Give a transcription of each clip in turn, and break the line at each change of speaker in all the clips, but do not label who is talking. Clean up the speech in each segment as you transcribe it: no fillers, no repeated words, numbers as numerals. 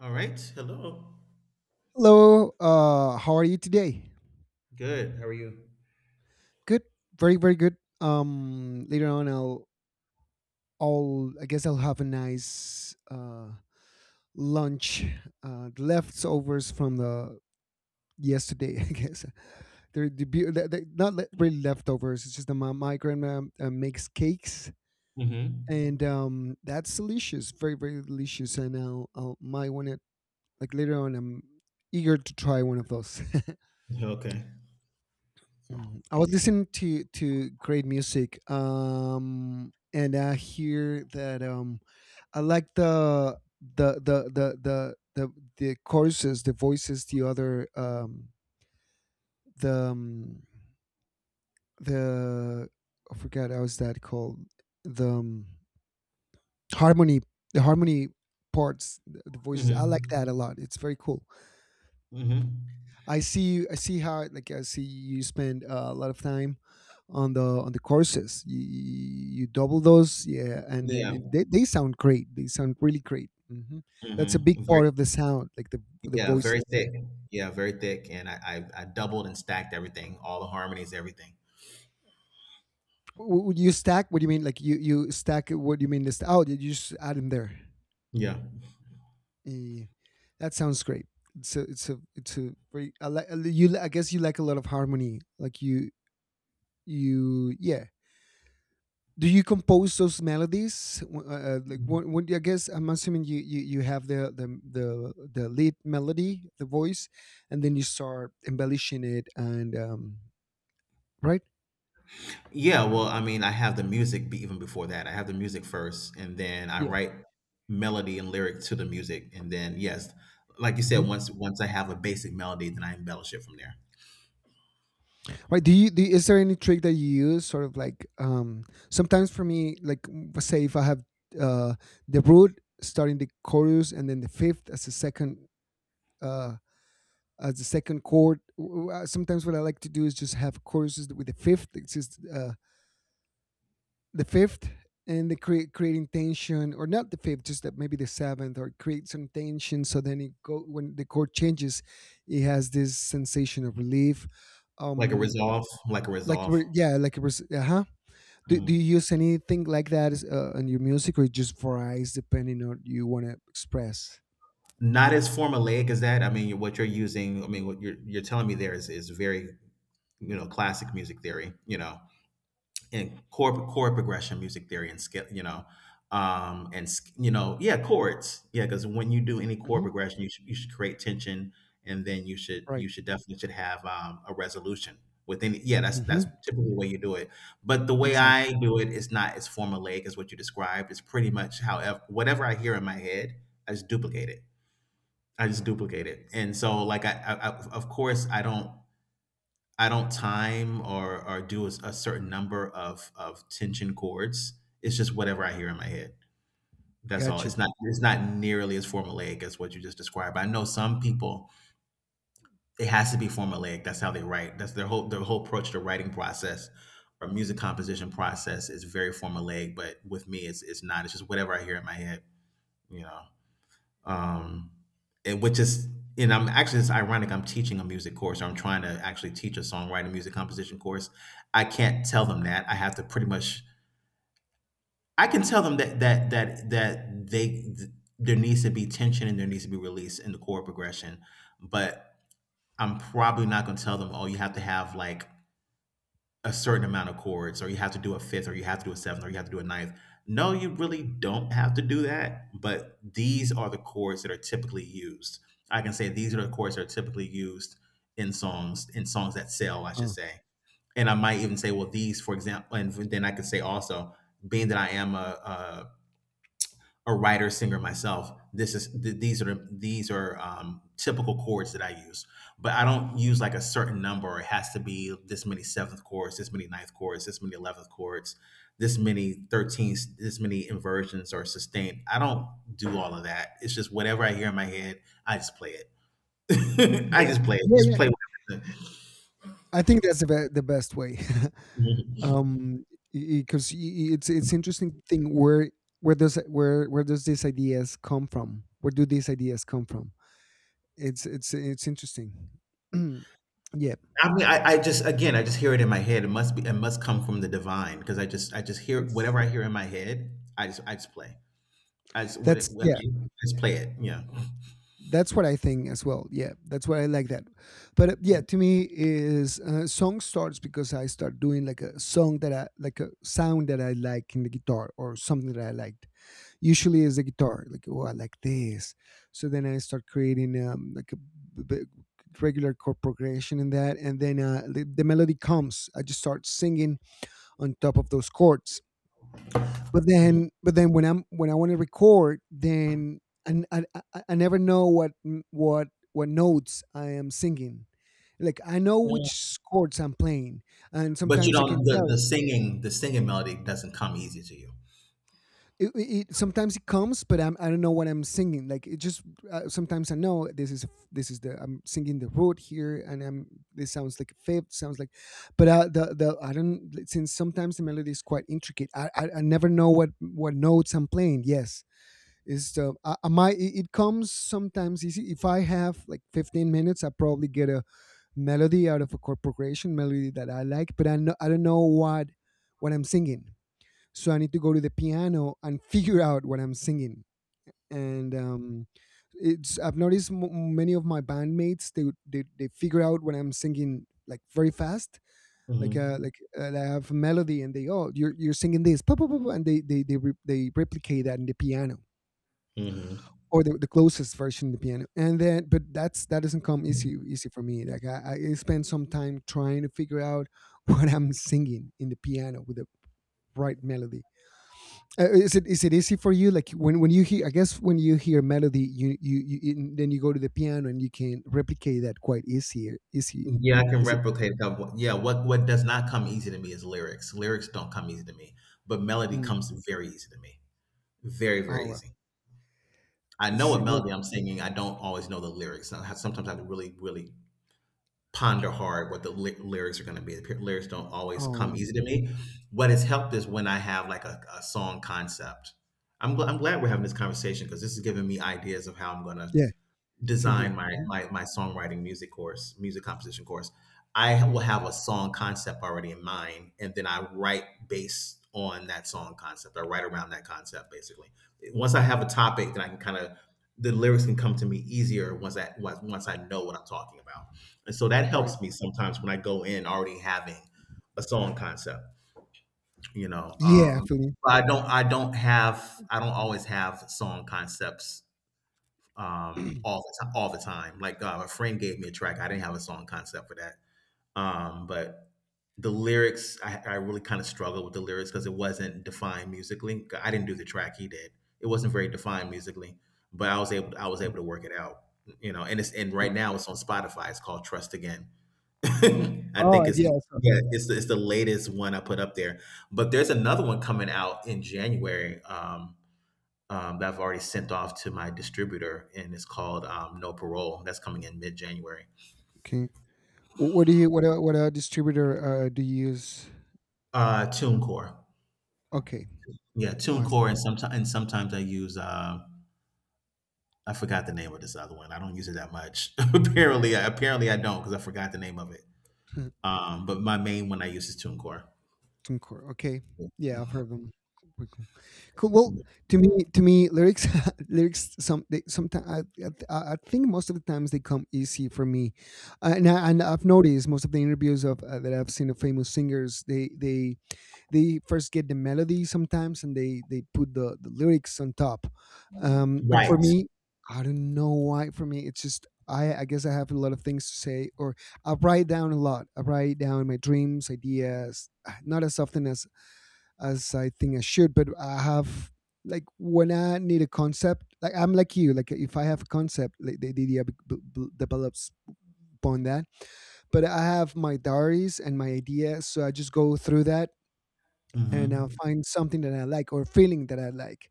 All right. Hello.
Hello. How are you today?
Good. How are you?
Good. Very, very good. Later on, I guess I'll have a nice lunch, the leftovers from the yesterday. I guess they're, the beau- they're not really leftovers. It's just that my grandma makes cakes,
Mm-hmm.
and that's delicious. Very, very delicious. And I'll might want to like later on. I'm eager to try one of those.
Okay.
I was listening to great music, and I hear that I like the the the the the choruses, the voices, the other the um, the I forgot how is that called the harmony the harmony parts the voices. I like that
Mm-hmm.
a lot. It's very cool.
Mm-hmm.
I see how like I see you spend a lot of time on the courses. You double those, yeah, and then
Yeah.
they sound great. They sound really great. Hmm. That's a big
Mm-hmm. Very,
part of the sound, like the
yeah. Very
voices. Yeah.
thick. Yeah. Very thick. I doubled and stacked everything, all the harmonies, everything.
Would you stack? What do you mean? Like you stack? What do you mean? This, oh, you just add them there.
Yeah.
Yeah. Yeah, yeah. That sounds great. It's a very, I like you. I guess you like a lot of harmony. Like you, yeah. Do you compose those melodies? Like when I guess I'm assuming you have the the lead melody, the voice, and then you start embellishing it, and right,
Yeah, well, I mean, I have the music be even before that. I have the music first, and then I
yeah.
write melody and lyric to the music, and then yes, like you said,
Hmm,
once I have a basic melody, then I embellish it from there.
right. Do, is there any trick that you use sort of like, um, sometimes for me like, say if I have uh the root starting the chorus, and then the fifth as a second, uh as the second chord. Sometimes what I like to do is just have choruses with the fifth. It's just, the fifth, and the creating tension, or not the fifth, just that maybe the seventh, or create some tension, so then it go, when the chord changes it has this sensation of relief.
Like a
Um,
resolve, like a resolve.
yeah, like it was, uh-huh. Do you
Mhm.
use anything like that in your music, or it just varies depending on you want to express?
Not as formulaic as that. I mean, what you're telling me there is very, you know, classic music theory, you know. In chord progression, music theory, and scale, you know, yeah, chords, yeah, because when you do any chord
Hmm,
progression, you should create tension, and then
right.
you should definitely should have a resolution within. Yeah, that's
Hmm,
typically the way you do it. But the way
exactly.
I do it is not as formulaic as what you described. It's pretty much however whatever I hear in my head, I just duplicate it. I just duplicate it, and so of course I don't. I don't time or do a certain number of tension chords. It's just whatever I hear in my head. That's all.
Got you.
It's not nearly as formulaic as what you just described. I know some people it has to be formulaic. That's how they write. That's their whole approach to writing process or music composition process is very formulaic. But with me, it's not. It's just whatever I hear in my head. You know. Um, and which is and I'm actually, it's ironic, I'm teaching a music course, or I'm trying to actually teach a songwriting music composition course. I can't tell them that. I have to pretty much. I can tell them that there needs to be tension and there needs to be release in the chord progression, but I'm probably not going to tell them, oh, you have to have like a certain amount of chords, or you have to do a fifth, or you have to do a seventh, or you have to do a ninth. No, you really don't have to do that, but these are the chords that are typically used. I can say these are the chords that are typically used in songs that sell, I should
Uh,
say. And I might even say, well, these, for example, and then I could say also, being that I am a writer singer myself, these are typical chords that I use, but I don't use like a certain number. It has to be this many seventh chords, this many ninth chords, this many 11th chords, this many 13th, this many inversions or sustained. I don't do all of that. It's just whatever I hear in my head. I just play it. I
yeah,
just play it, just
yeah,
play whatever
I think that's the the best way,
the-
um, because it's interesting thing where where does these ideas come from? Where do these ideas come from? It's it's interesting. Yeah,
I mean, I just again, I just hear it in my head. It must be, it must come from the divine because I just hear
it's
whatever I hear in my head. I just play. As what it,
that's
what I
yeah,
mean, let's play it. Yeah.
that's what I think as well. Yeah, that's why I like that. But yeah,
Mm,
to me is, song starts because I start doing like a song that I like, a sound that I like in the guitar, or something that I like. Usually it's the guitar, like, oh, I like this. So then I start creating, like a regular chord progression in that, and then, the melody comes. I just start singing on top of those chords. But then when I'm when I want to record, then, I, I, I never know what what notes I am singing. Like I know
mm.
which chords I'm playing, and
But you
sometimes I can
don't,
tell.
the singing, the singing melody doesn't come easy to you.
It sometimes it comes, but I'm, I don't know what I'm singing. Like it just, sometimes I know this is, this is the I'm singing the root here, and I'm, this sounds like a fifth, sounds like, but the I don't since sometimes the melody is quite intricate. I never know what notes I'm playing. Yes, is the I might, it comes sometimes easy. If I have like 15 minutes, I probably get a melody out of a chord progression, melody that I like, but I know I don't know what I'm singing, so I need to go to the piano and figure out what I'm singing. And it's, I've noticed, many of my bandmates, they figure out when I'm singing, like very fast, like,
Mm-hmm.
I have a melody, and they, oh, you're singing this, "pa, pa, pa, pa," and they replicate that in the piano,
Mm-hmm.
or the closest version of the piano, and then, but that's, that doesn't come easy for me. Like I spend some time trying to figure out what I'm singing in the piano with the right melody. Is it is it easy for you? Like when you hear, I guess when you hear melody, you, and then you go to the piano and you can replicate that quite easier. Easy,
Yeah, I can
is it?
replicate that. One. Yeah, what does not come easy to me is lyrics. Lyrics don't come easy to me, but melody
Mm.
comes very easy to me. Very,
Oh
very
well,
easy. I know
it's
a
well.
melody I'm singing. I don't always know the lyrics. Sometimes I have to really, really ponder hard what the lyrics are going to be. The lyrics don't always
Oh
come
well,
easy to me. What has helped is when I have like a song concept. I'm glad we're having this conversation because this is giving me ideas of how I'm going to
yeah, same
design
here.
my songwriting music course music composition course. I will have a song concept already in mind and then I write based on that song concept. I write around that concept basically. Once I have a topic, then I can kind of, the lyrics can come to me easier once I know what I'm talking about. And so that
Right.
helps me sometimes when I go in already having a song concept, you know.
Yeah, I feel you.
But I don't have, I don't always have song concepts all the time. All the time. Like a friend gave me a track. I didn't have a song concept for that, but the lyrics, I really kind of struggled with the lyrics because it wasn't defined musically. I didn't do the track, he did. It wasn't very defined musically, but I was
Mm,
able to work it out. You know, and it's, and
cool.
right now it's on Spotify. It's called Trust Again. I
Oh
think it's the,
yeah. So,
yeah, it's the latest one I put up there. But there's another one coming out in January. That I've already sent off to my distributor, and it's called No Parole. That's coming in mid January.
okay. What do you what, distributor do you use?
TuneCore,
Okay.
yeah,
Oh, I see.
TuneCore, and sometimes I use. I forgot the name of this other one. I don't use it that much. Apparently, I don't because I forgot the name of it.
Hmm.
But my main one I use is TuneCore.
Concord. Okay. Yeah, I've heard them. Cool, cool. Cool. Well, to me, lyrics, lyrics. Some, they, sometimes I think most of the times they come easy for me, and and I've noticed most of the interviews of that I've seen of famous singers, they first get the melody sometimes, and they put the lyrics on top. Um, but
Right.
for me, I don't know why. For me it's just, I guess I have a lot of things to say, or I write down a lot. I write down my dreams, ideas, not as often as I think I should, but I have, like when I need a concept, like I'm like you, like if I have a concept, like the idea develops upon that. But I have my diaries and my ideas, so I just go through that, and I'll
Hmm.
find something that I like, or feeling that I like.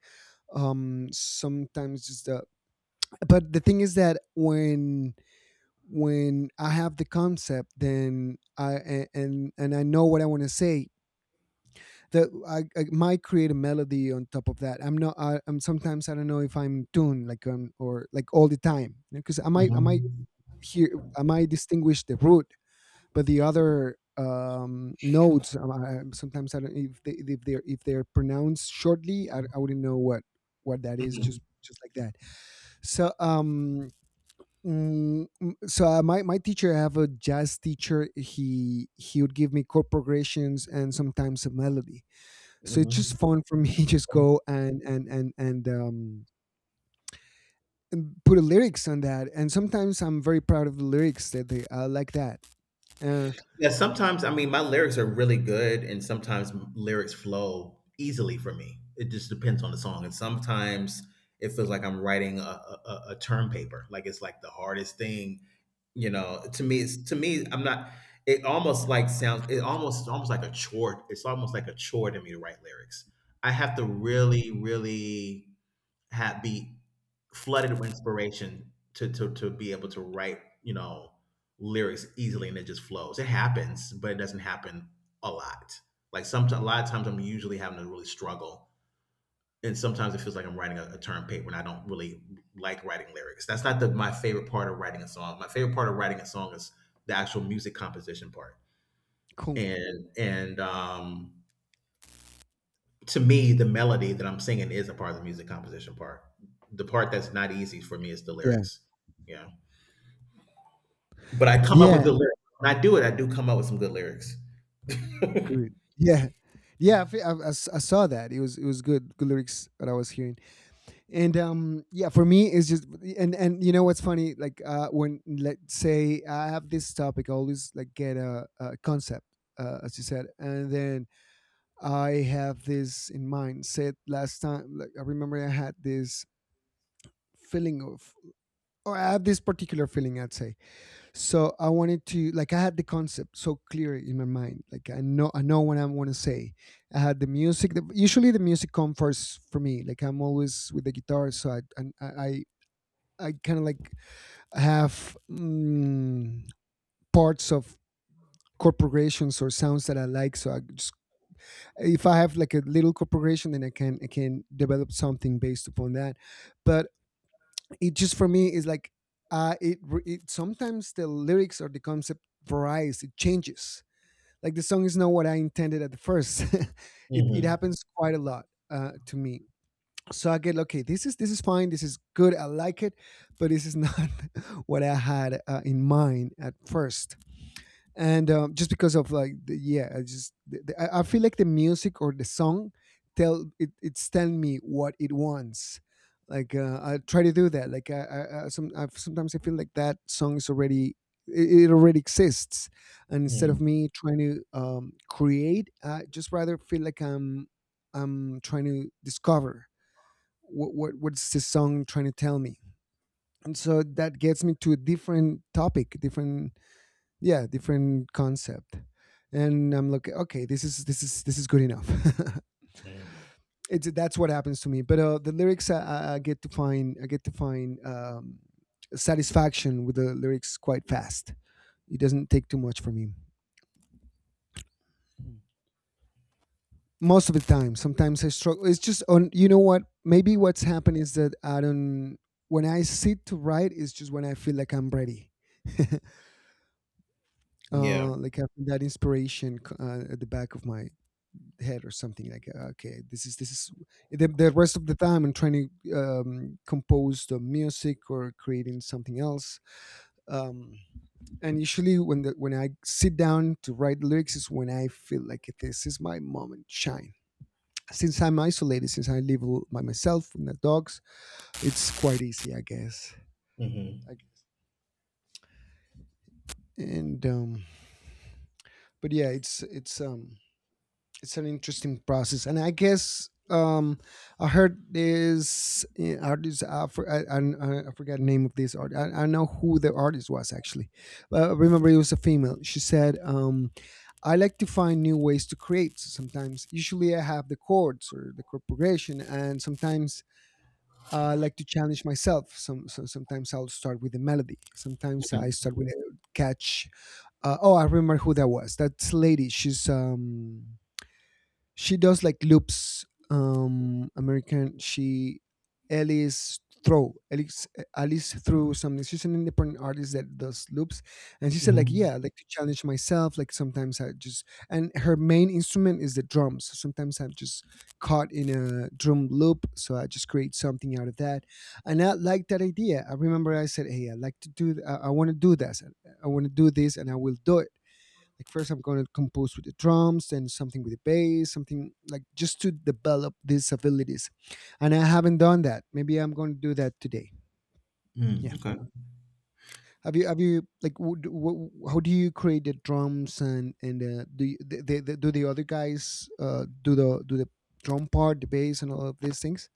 Sometimes it's the, but the thing is that when I have the concept, then and I know what I want to say. That I might create a melody on top of that. I'm not. I'm sometimes I don't know if I'm in tune, like, um, or like all the time, because I might
Hmm.
hear, I might distinguish the root, but the other, nodes, I, sometimes I don't, if they if they're pronounced shortly, I wouldn't know what that is,
Hmm.
just like that. So, um. So, my teacher, I have a jazz teacher, he would give me chord progressions, and sometimes a melody, so it's
Hmm.
just fun for me just go, and put a lyrics on that, and sometimes I'm very proud of the lyrics that they, like that, uh,
Yeah, sometimes I mean my lyrics are really good, and sometimes lyrics flow easily for me. It just depends on the song, and sometimes it feels like I'm writing a term paper. Like it's like the hardest thing, you know. To me, I'm not. It almost like sounds. It's almost like a chore. It's almost like a chore to me to write lyrics. I have to really, really had be flooded with inspiration to be able to write, you know, lyrics easily and it just flows. It happens, but it doesn't happen a lot. Like sometimes, a lot of times, I'm usually having to really struggle. And sometimes it feels like I'm writing a term paper and I don't really like writing lyrics. That's not the my favorite part of writing a song. My favorite part of writing a song is the actual music composition part.
cool,
And to me, the melody that I'm singing is a part of the music composition part. The part that's not easy for me is the
yeah,
lyrics. Yeah. But I come up with
yeah.
good lyrics. When I do it, I do come up with some good lyrics.
Good. Yeah. Yeah, I, fe- I s- I saw that. It was good, good lyrics that I was hearing, and yeah, for me it's just, and you know what's funny? Like, when let's say I have this topic, I always like get a concept, as you said, and then I have this in mind. Said last time, like I remember I had this feeling of, or I have this particular feeling, I'd say. So I wanted to like, I had the concept so clear in my mind, like I know, I know what I want to say. I had the music, usually the music comes first for me, like I'm always with the guitar. So I and I I kind of like have, mm, parts of corporations, or sounds that I like. So I just, if I have like a little corporation, then I can develop something based upon that. But it just for me is like, uh it, it sometimes the lyrics or the concept varies, it changes, like the song is not what I intended at the first. It
Hmm.
happens quite a lot, to me. So I get, okay, this is fine. This is good. I like it, but this is not what I had in mind at first. And just because of like the, yeah I just the, I feel like the music or the song it's telling me what it wants. Like I try to do that. Like I sometimes I feel like that song is already, it already exists. And instead
Hmm.
of me trying to create, I just rather feel like I'm trying to discover what's this song trying to tell me. And so that gets me to a different topic, different, yeah, different concept. And I'm like, okay, this is good enough. it's That's what happens to me. But the lyrics, I get to find, I get to find satisfaction with the lyrics quite fast. It doesn't take too much for me. Most of the time, sometimes I struggle. It's just on, you know what, maybe what's happened is that I don't, when I sit to write, it's just when I feel like I'm ready.
Yeah.
Like having that inspiration, at the back of my head or something, like okay, this is the rest of the time I'm trying to compose the music or creating something else. um, and usually when when I sit down to write lyrics is when I feel like, okay, this is my moment shine. Since I'm isolated, since I live by myself with the dogs, it's quite easy, I guess. I,
Hmm.
and but yeah, it's it's an interesting process. And I guess I heard this artist, I forgot the name of this art I know who the artist was actually, but remember it was a female. She said, I like to find new ways to create. So sometimes usually I have the chords or the chord progression, and sometimes I like to challenge myself. Sometimes I'll start with a melody, sometimes I start with a catch. Oh, I remember who that was. That's a lady. She's she does like loops. American, she, Alice, Alice through something. She's an independent artist that does loops. And she said like,
Hmm.
yeah, I like to challenge myself. Like sometimes I just, and her main instrument is the drums, so sometimes I'm just caught in a drum loop, so I just create something out of that. And I like that idea. I remember I said, hey, I like to do I want to do this, I want to do this, and I will do it. Like first I'm going to compose with the drums, then something with the bass, something, like just to develop these abilities. And I haven't done that. Maybe I'm going to do that today. Yeah,
Mm. Okay.
have you like, how do you create the drums, and do you, do the other guys do the, drum part, the bass, and all of these things?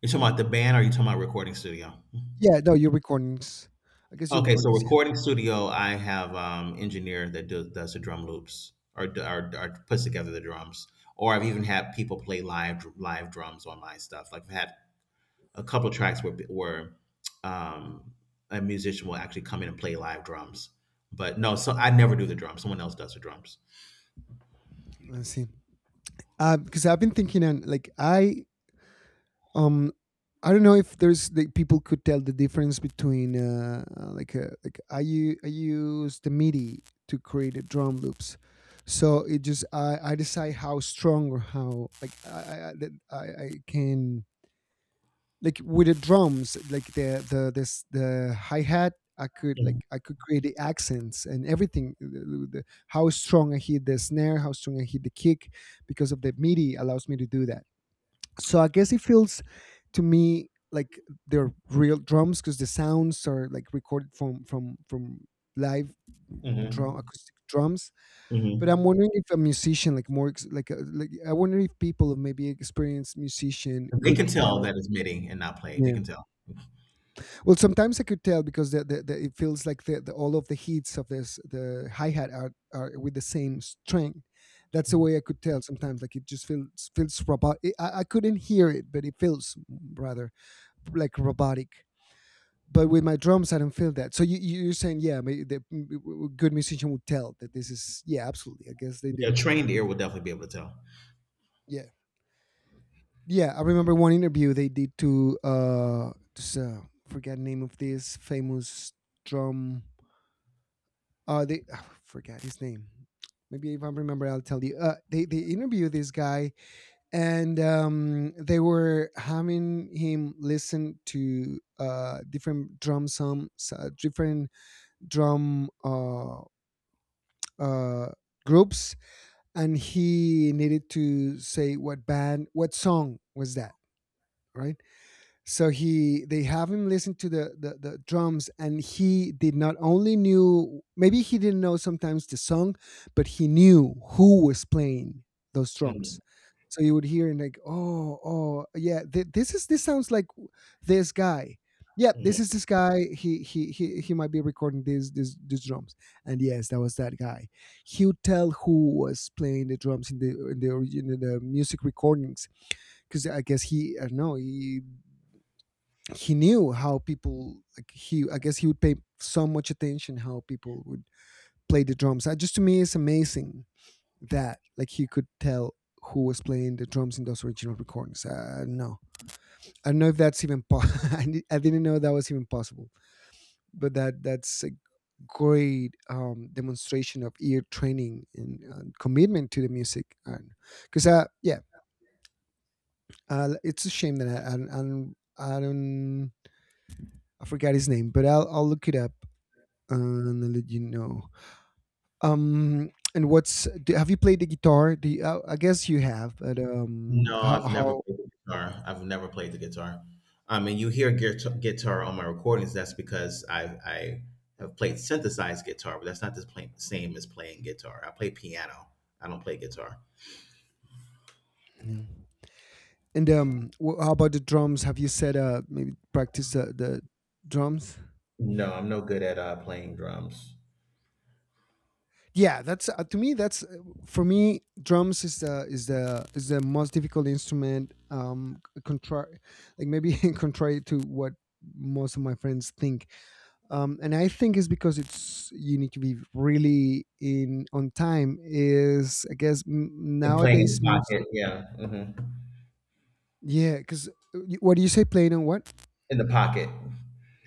You're talking about the band or you talking about recording studio?
Yeah, no, your recordings, I guess your
Okay, so
recordings, yeah.
recording studio, I have engineer that does the drum loops, or or puts together the drums. Or I've even had people play live drums on my stuff. Like I've had a couple of tracks where um, a musician will actually come in and play live drums. But no, so I never do the drums. Someone else does the drums.
I see. Because I've been thinking on like, I, um, I don't know if there's, the people could tell the difference between like, I I use the MIDI to create the drum loops. So it just, I decide how strong or how, like that I can, like with the drums, like the hi hat, I could like
Mm-hmm.
I could create the accents and everything, the- how strong I hit the snare, how strong I hit the kick, because of the MIDI allows me to do that. So I guess it feels to me like they're real drums, because the sounds are like recorded from live drum,
Mm-hmm.
acoustic drums. But I'm
Mm-hmm.
wondering if a musician, like more like, a, like I wonder if people, maybe experienced musician,
They
could
can tell
tell.
that it's MIDI and not played. They
Yeah,
can tell. Mm-hmm.
well, sometimes I could tell, because the, it feels like the all of the hits of this, the hi-hat, are with the same string. That's the way I could tell sometimes. Like it just feels robot, I couldn't hear it, but it feels rather like robotic. But with my drums, I don't feel that. So you, you're saying, yeah, the good musician would tell that this is, yeah, absolutely. I guess they do.
Yeah, a trained ear will definitely be able to tell.
Yeah, yeah. I remember one interview they did to forget the name of this famous drum. They, I forgot his name. Maybe if I remember, I'll tell you. They interviewed this guy, and they were having him listen to different drum, some different drum, uh, groups, and he needed to say what band, what song was that, right? So he, they have him listen to the drums, and he did not only knew, maybe he didn't know sometimes the song, but he knew who was playing those
Mhm.
drums. So you would hear and like, oh, this is, this sounds like this guy. Yep,
Mhm.
this is this guy, he might be recording these drums. And yes, that was that guy. He would tell who was playing the drums in the origin, in the music recordings. Because I guess he, I don't know, he knew how people, like, he, I guess he would pay so much attention how people would play the drums. Just to me it's amazing that, like, he could tell who was playing the drums in those original recordings. I don't know, I don't know if that's even I, I didn't know that was even possible. But that, that's a great demonstration of ear training and commitment to the music. Because yeah, it's a shame that I don't, I forgot his name, but I'll look it up and let you know. And what's do, have you played the guitar? Do you, I guess you have, but
No,
how,
I've
how?
never played the guitar. I've never played the guitar. I mean, you hear guitar, on my recordings. That's because I have played synthesized guitar, but that's not the plain, same as playing guitar. I play piano. I don't play guitar.
Yeah. And how about the drums? Have you said, uh, maybe practice the drums?
No, I'm no good at playing drums.
Yeah, that's to me, that's for me, drums is the is the is the most difficult instrument. Contrary, like maybe contrary to what most of my friends think. And I think it's because it's, you need to be really in on time. Is, I guess
And playing in the
nowadays
pocket,
music,
yeah, mhm.
yeah. Because what do you say? Playing on what?
In the pocket.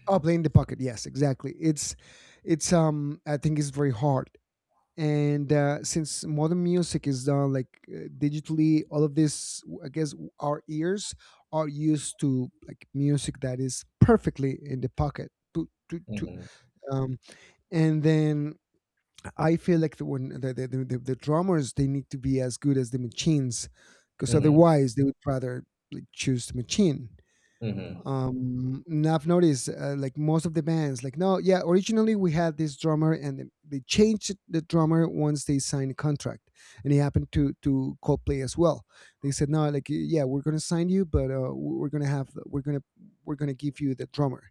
Oh, playing the pocket. Yes, exactly. It's, um, I think it's very hard. And since modern music is done like digitally, all of this, I guess, our ears are used to like music that is perfectly in the pocket.
Mhm,
Um, and then I feel like the one the drummers, they need to be as good as the machines, because
mhm,
otherwise they would rather, like, choose the machine.
mhm.
And I've noticed like most of the bands, like, no, yeah, originally we had this drummer, and then they changed the drummer once they signed a contract. And it happened to Coldplay as well. They said, no, like, yeah, we're gonna sign you, but we're gonna have, we're gonna give you the drummer.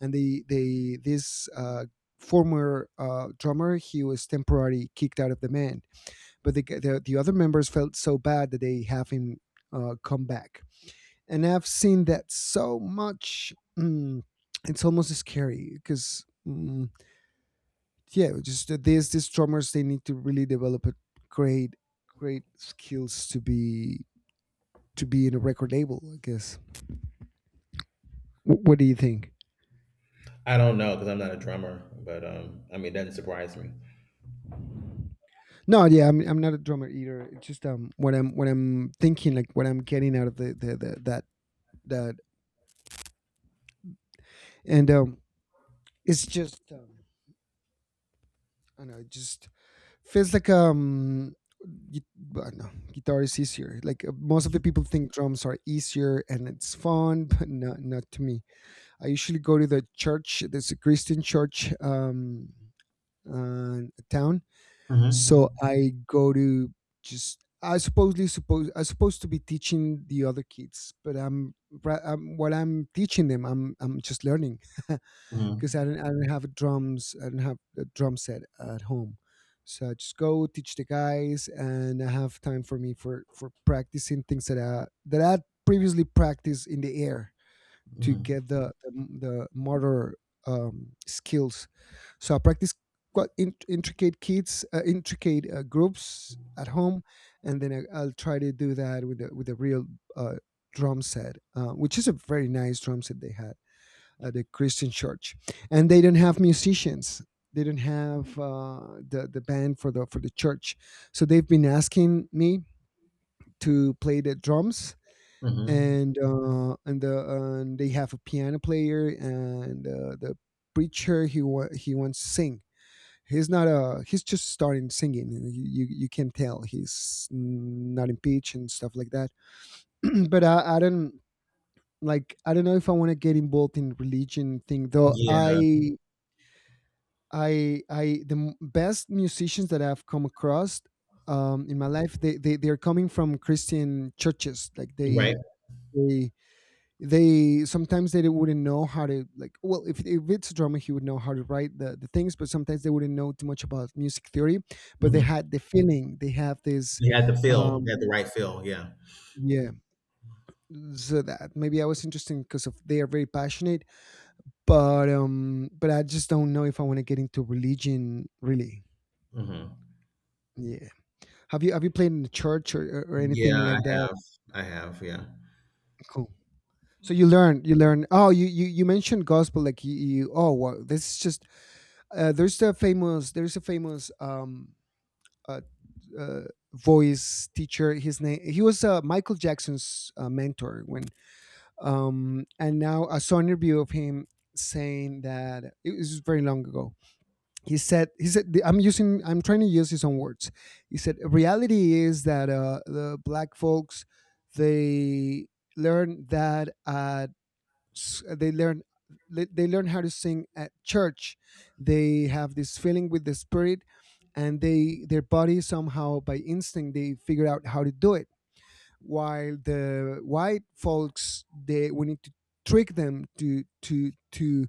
And they this former drummer, he was temporarily kicked out of the band, but the other members felt so bad that they have him come back. And I've seen that so much. Mm, it's almost scary because, mm, yeah, just these drummers, they need to really develop a great, great skills to be, to be in a record label, I guess. What do you think?
I don't know because 'cause I'm not a drummer, but, I mean, it doesn't surprise me.
No, yeah, I'm not a drummer either. It's just, um, what I'm, what I'm thinking, like what I'm getting out of the that, that, and it's just, um, I don't know, it just feels like, um, but no, guitar is easier. Like most of the people think drums are easier and it's fun, but not, not to me. I usually go to the church. There's a Christian church, town,
Mhm,
so I go to just. I supposedly suppose I'm supposed to be teaching the other kids, but I'm, I'm, what I'm teaching them, I'm just learning.
mhm,
Because I didn't, I didn't have drums. I didn't have a drum set at home, so I just go teach the guys, and I have time for me for practicing things that I, that I previously practiced in the air to
mhm,
get the motor, skills. So I practice quite in, intricate kids, intricate groups at home, and then I'll try to do that with the, with a real uh, drum set, which is a very nice drum set they had at the Christian church, and they didn't have musicians. They didn't have the band for the, for the church, so they've been asking me to play the drums.
mhm.
And and the, and they have a piano player, and the preacher, he wants to sing. He's not a, he's just starting singing. You can tell he's not in pitch and stuff like that. But I don't like I don't know if I want to get involved in religion thing though.
Yeah,
I best musicians that I've come across in my life they're coming from Christian churches like
you're right,
they they sometimes they wouldn't know how to like well if it's a drummer he would know how to write the things but sometimes they wouldn't know too much about music theory but they
mhm.
had the feeling they have this
You had the feel, you had the
um
right feel, yeah.
yeah, so that maybe I was interested because of they are very passionate but I just don't know if I want to get into religion really.
Mhm.
Yeah. Have you played in the church, or
Yeah,
anything
I
like that?
have, yeah.
Cool. So you learn, you learn. Oh, you mentioned gospel, like you. Oh, wow, this is just. There's the famous. There's a famous uh, uh voice teacher. His name. He was Michael Jackson's mentor when and now I saw an interview of him saying that it was very long ago. He said I'm using, I'm trying to use his own words. He said reality is that the black folks they learn that at they learn they learn how to sing at church. They have this feeling with the spirit, and they their body somehow by instinct they figure out how to do it, while the white folks they we need to trick them to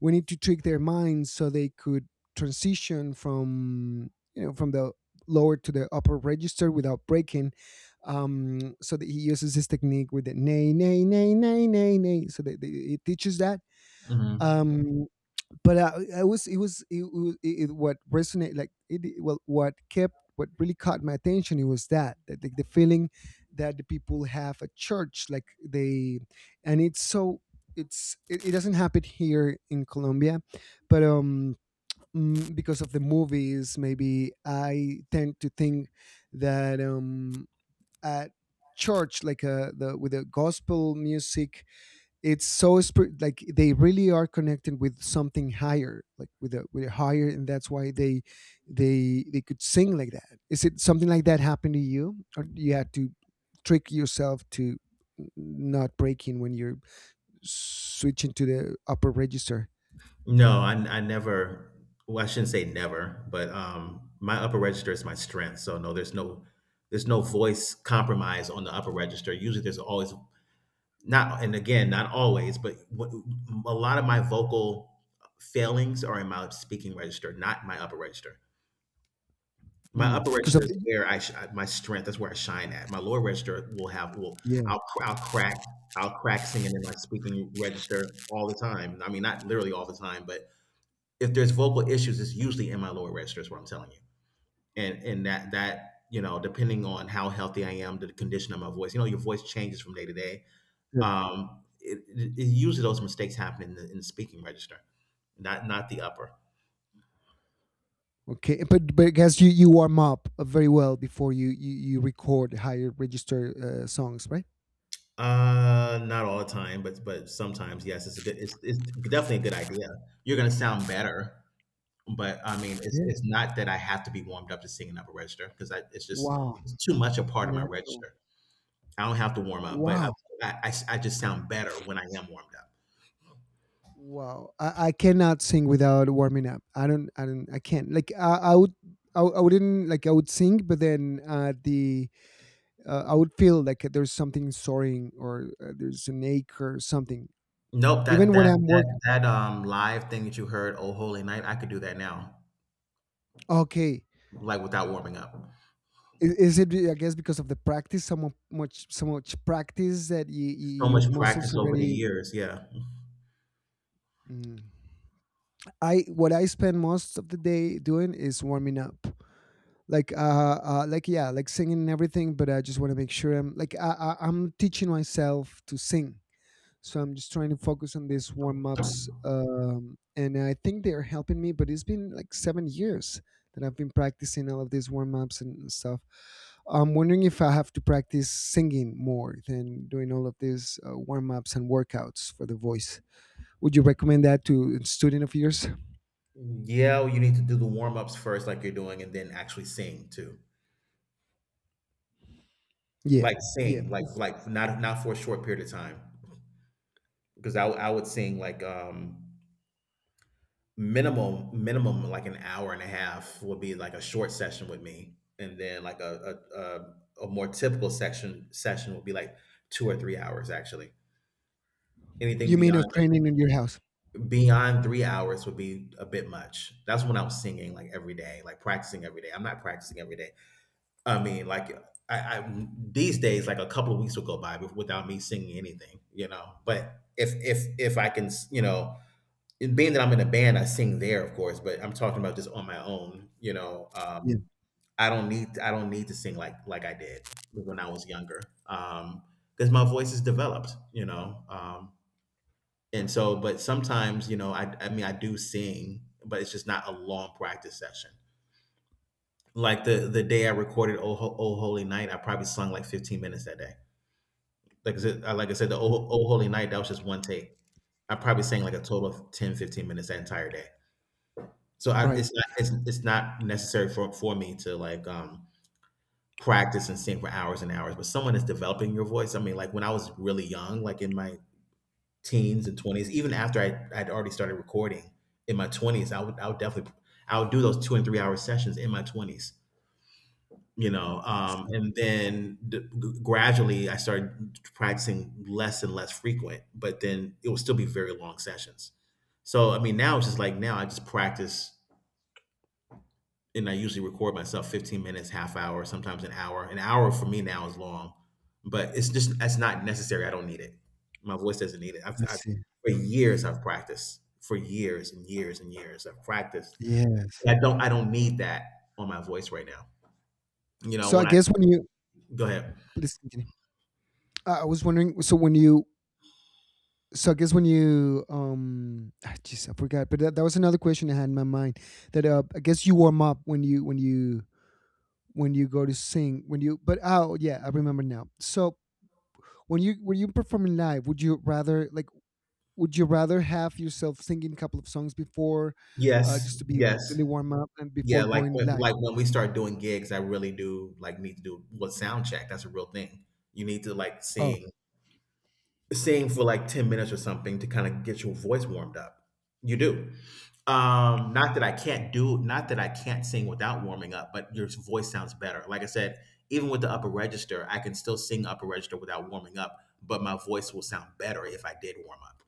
we need to trick their minds so they could transition from you know from the lower to the upper register without breaking. So that he uses this technique with the nay nay nay nay nay nay so that they, it teaches that.
Mhm.
Um but I was it what resonated like it well what kept what really caught my attention, it was that the feeling that the people have at church, like they, and it's so it, it doesn't happen here in Colombia, but because of the movies maybe I tend to think that at church like the with the gospel music it's so spirit like they really are connected with something higher, like with a higher, and that's why they could sing like that. Is it something like that happened to you, or you had to trick yourself to not breaking when you're switching to the upper register
No, I never. Well, I shouldn't say never, but my upper register is my strength. So no, there's no, there's no voice compromise on the upper register. Usually, there's always not, and again, not always, but what, a lot of my vocal failings are in my speaking register, not my upper register. My upper
because
register
of
is
the,
where my strength. That's where I shine at. My lower register will have will
yeah,
I'll crack, singing in my speaking register all the time. I mean, not literally all the time, but if there's vocal issues, it's usually in my lower register. Is what I'm telling you. And that, depending on how healthy I am, the condition of my voice. Your voice changes from day to day.
yeah.
It, it, it Usually those mistakes happen in the speaking register, not the upper.
Okay, but because you warm up very well before you record higher register songs, right?
Not all the time, but sometimes, yes, it's definitely a good idea. You're gonna sound better, but I mean, it's
Yeah.
it's not that I have to be warmed up to sing an upper register, because I it's just
Wow.
it's too much a part of my
Natural.
register. I don't have to warm up, but
Wow.
I just sound better when I am warmed up.
Wow, I cannot sing without warming up. I don't, I don't, I can't. Like I would, I wouldn't like I would sing, but then the I would feel like there's something soaring, or there's an ache or something.
Nope, that
Even when
that
I'm
that
working,
that live thing that you heard, "Oh Holy Night," I could do that now,
okay.
like without warming up.
Is it? I guess because of the practice, so much, so much practice that you,
So
your
much
muscles
practice over the
already.
years, yeah.
Mm. I what I spend most of the day doing is warming up. Like like yeah like singing and everything, but I just want to make sure I'm like I'm teaching myself to sing, so I'm just trying to focus on these warm-ups. And I think they're helping me, but it's been like 7 years that I've been practicing all of these warm-ups and stuff. I'm wondering if I have to practice singing more than doing all of these warm-ups and workouts for the voice. Would you recommend that to a student of yours?
Yeah, well, you need to do the warm ups first, like you're doing, and then actually sing too.
Yeah.
Like
Yeah.
sing, like
It's-
like not for a short period of time, because I would sing, like, minimum, like an hour and a half would be like a short session with me, and then like a more typical section session would be like 2 or 3 hours, actually.
you
Anything
mean a
beyond
training in your house?
beyond 3 hours would be a bit much. That's when I was singing like every day, like practicing every day. I'm not practicing every day. I mean, like, I these days, like, a couple of weeks will go by without me singing anything, but if I can, and being that I'm in a band, I sing there, of course, but I'm talking about just on my own.
Yeah.
I don't need to sing like I did when I was younger, because my voice is developed. And so, but sometimes, I mean, I do sing, but it's just not a long practice session. Like the day I recorded "Oh Holy Night," I probably sung like 15 minutes that day. Like I said, the "Oh,
Okay.
Ho- oh Holy Night" that was just one take. I probably sang like a total of 10, 15 minutes that entire day. So I,
Right.
it's not it's, it's not necessary for me to, like, practice and sing for hours and hours. But someone is developing your voice. I mean, like when I was really young, like in my teens and twenties, even after I'd already started recording in my twenties, I would definitely I would do those 2 and 3 hour sessions in my twenties. You know,
I see.
and then gradually I started practicing less and less frequent, but then it will still be very long sessions. So I mean, now it's just like, now I just practice, and I usually record myself 15 minutes, half hour, sometimes an hour. An hour for me now is long, but it's just that's not necessary. I don't need it. My voice doesn't need it.
I
I've
see.
For years I've practiced, for years and years and years I've practiced.
Yes.
And I don't need that on my voice right now. You know
So I
when I.
guess when you.
Go
Mhm.
ahead.
Please continue. I was wondering. So when you, so I guess when you ah, jeez, I forgot, but that was another question I had in my mind. That I guess you warm up when you when you go to sing when you. But oh yeah, I remember now. So when you performing live, would you rather like would you rather have yourself singing a couple of songs before,
Yes,
just to be
yes,
completely warm up and before
yeah.
going live?
Like when we start doing gigs, I really do like need to do what sound check. That's a real thing. You need to like
Oh
sing for like 10 minutes or something to kind of get your voice warmed up. You do. Not that I can't do, not that I can't sing without warming up, but your voice sounds better. Like I said, even with the upper register, I can still sing upper register without warming up, but my voice will sound better if I did warm up.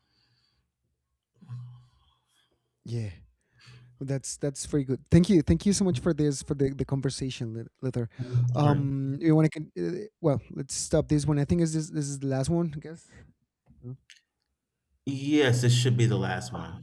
yeah. That's very good. Thank you so much for this for the conversation, Lither.
All right.
You want to well, let's stop this one. I think is this this is the last one, I guess.
Yes, this should be the last one.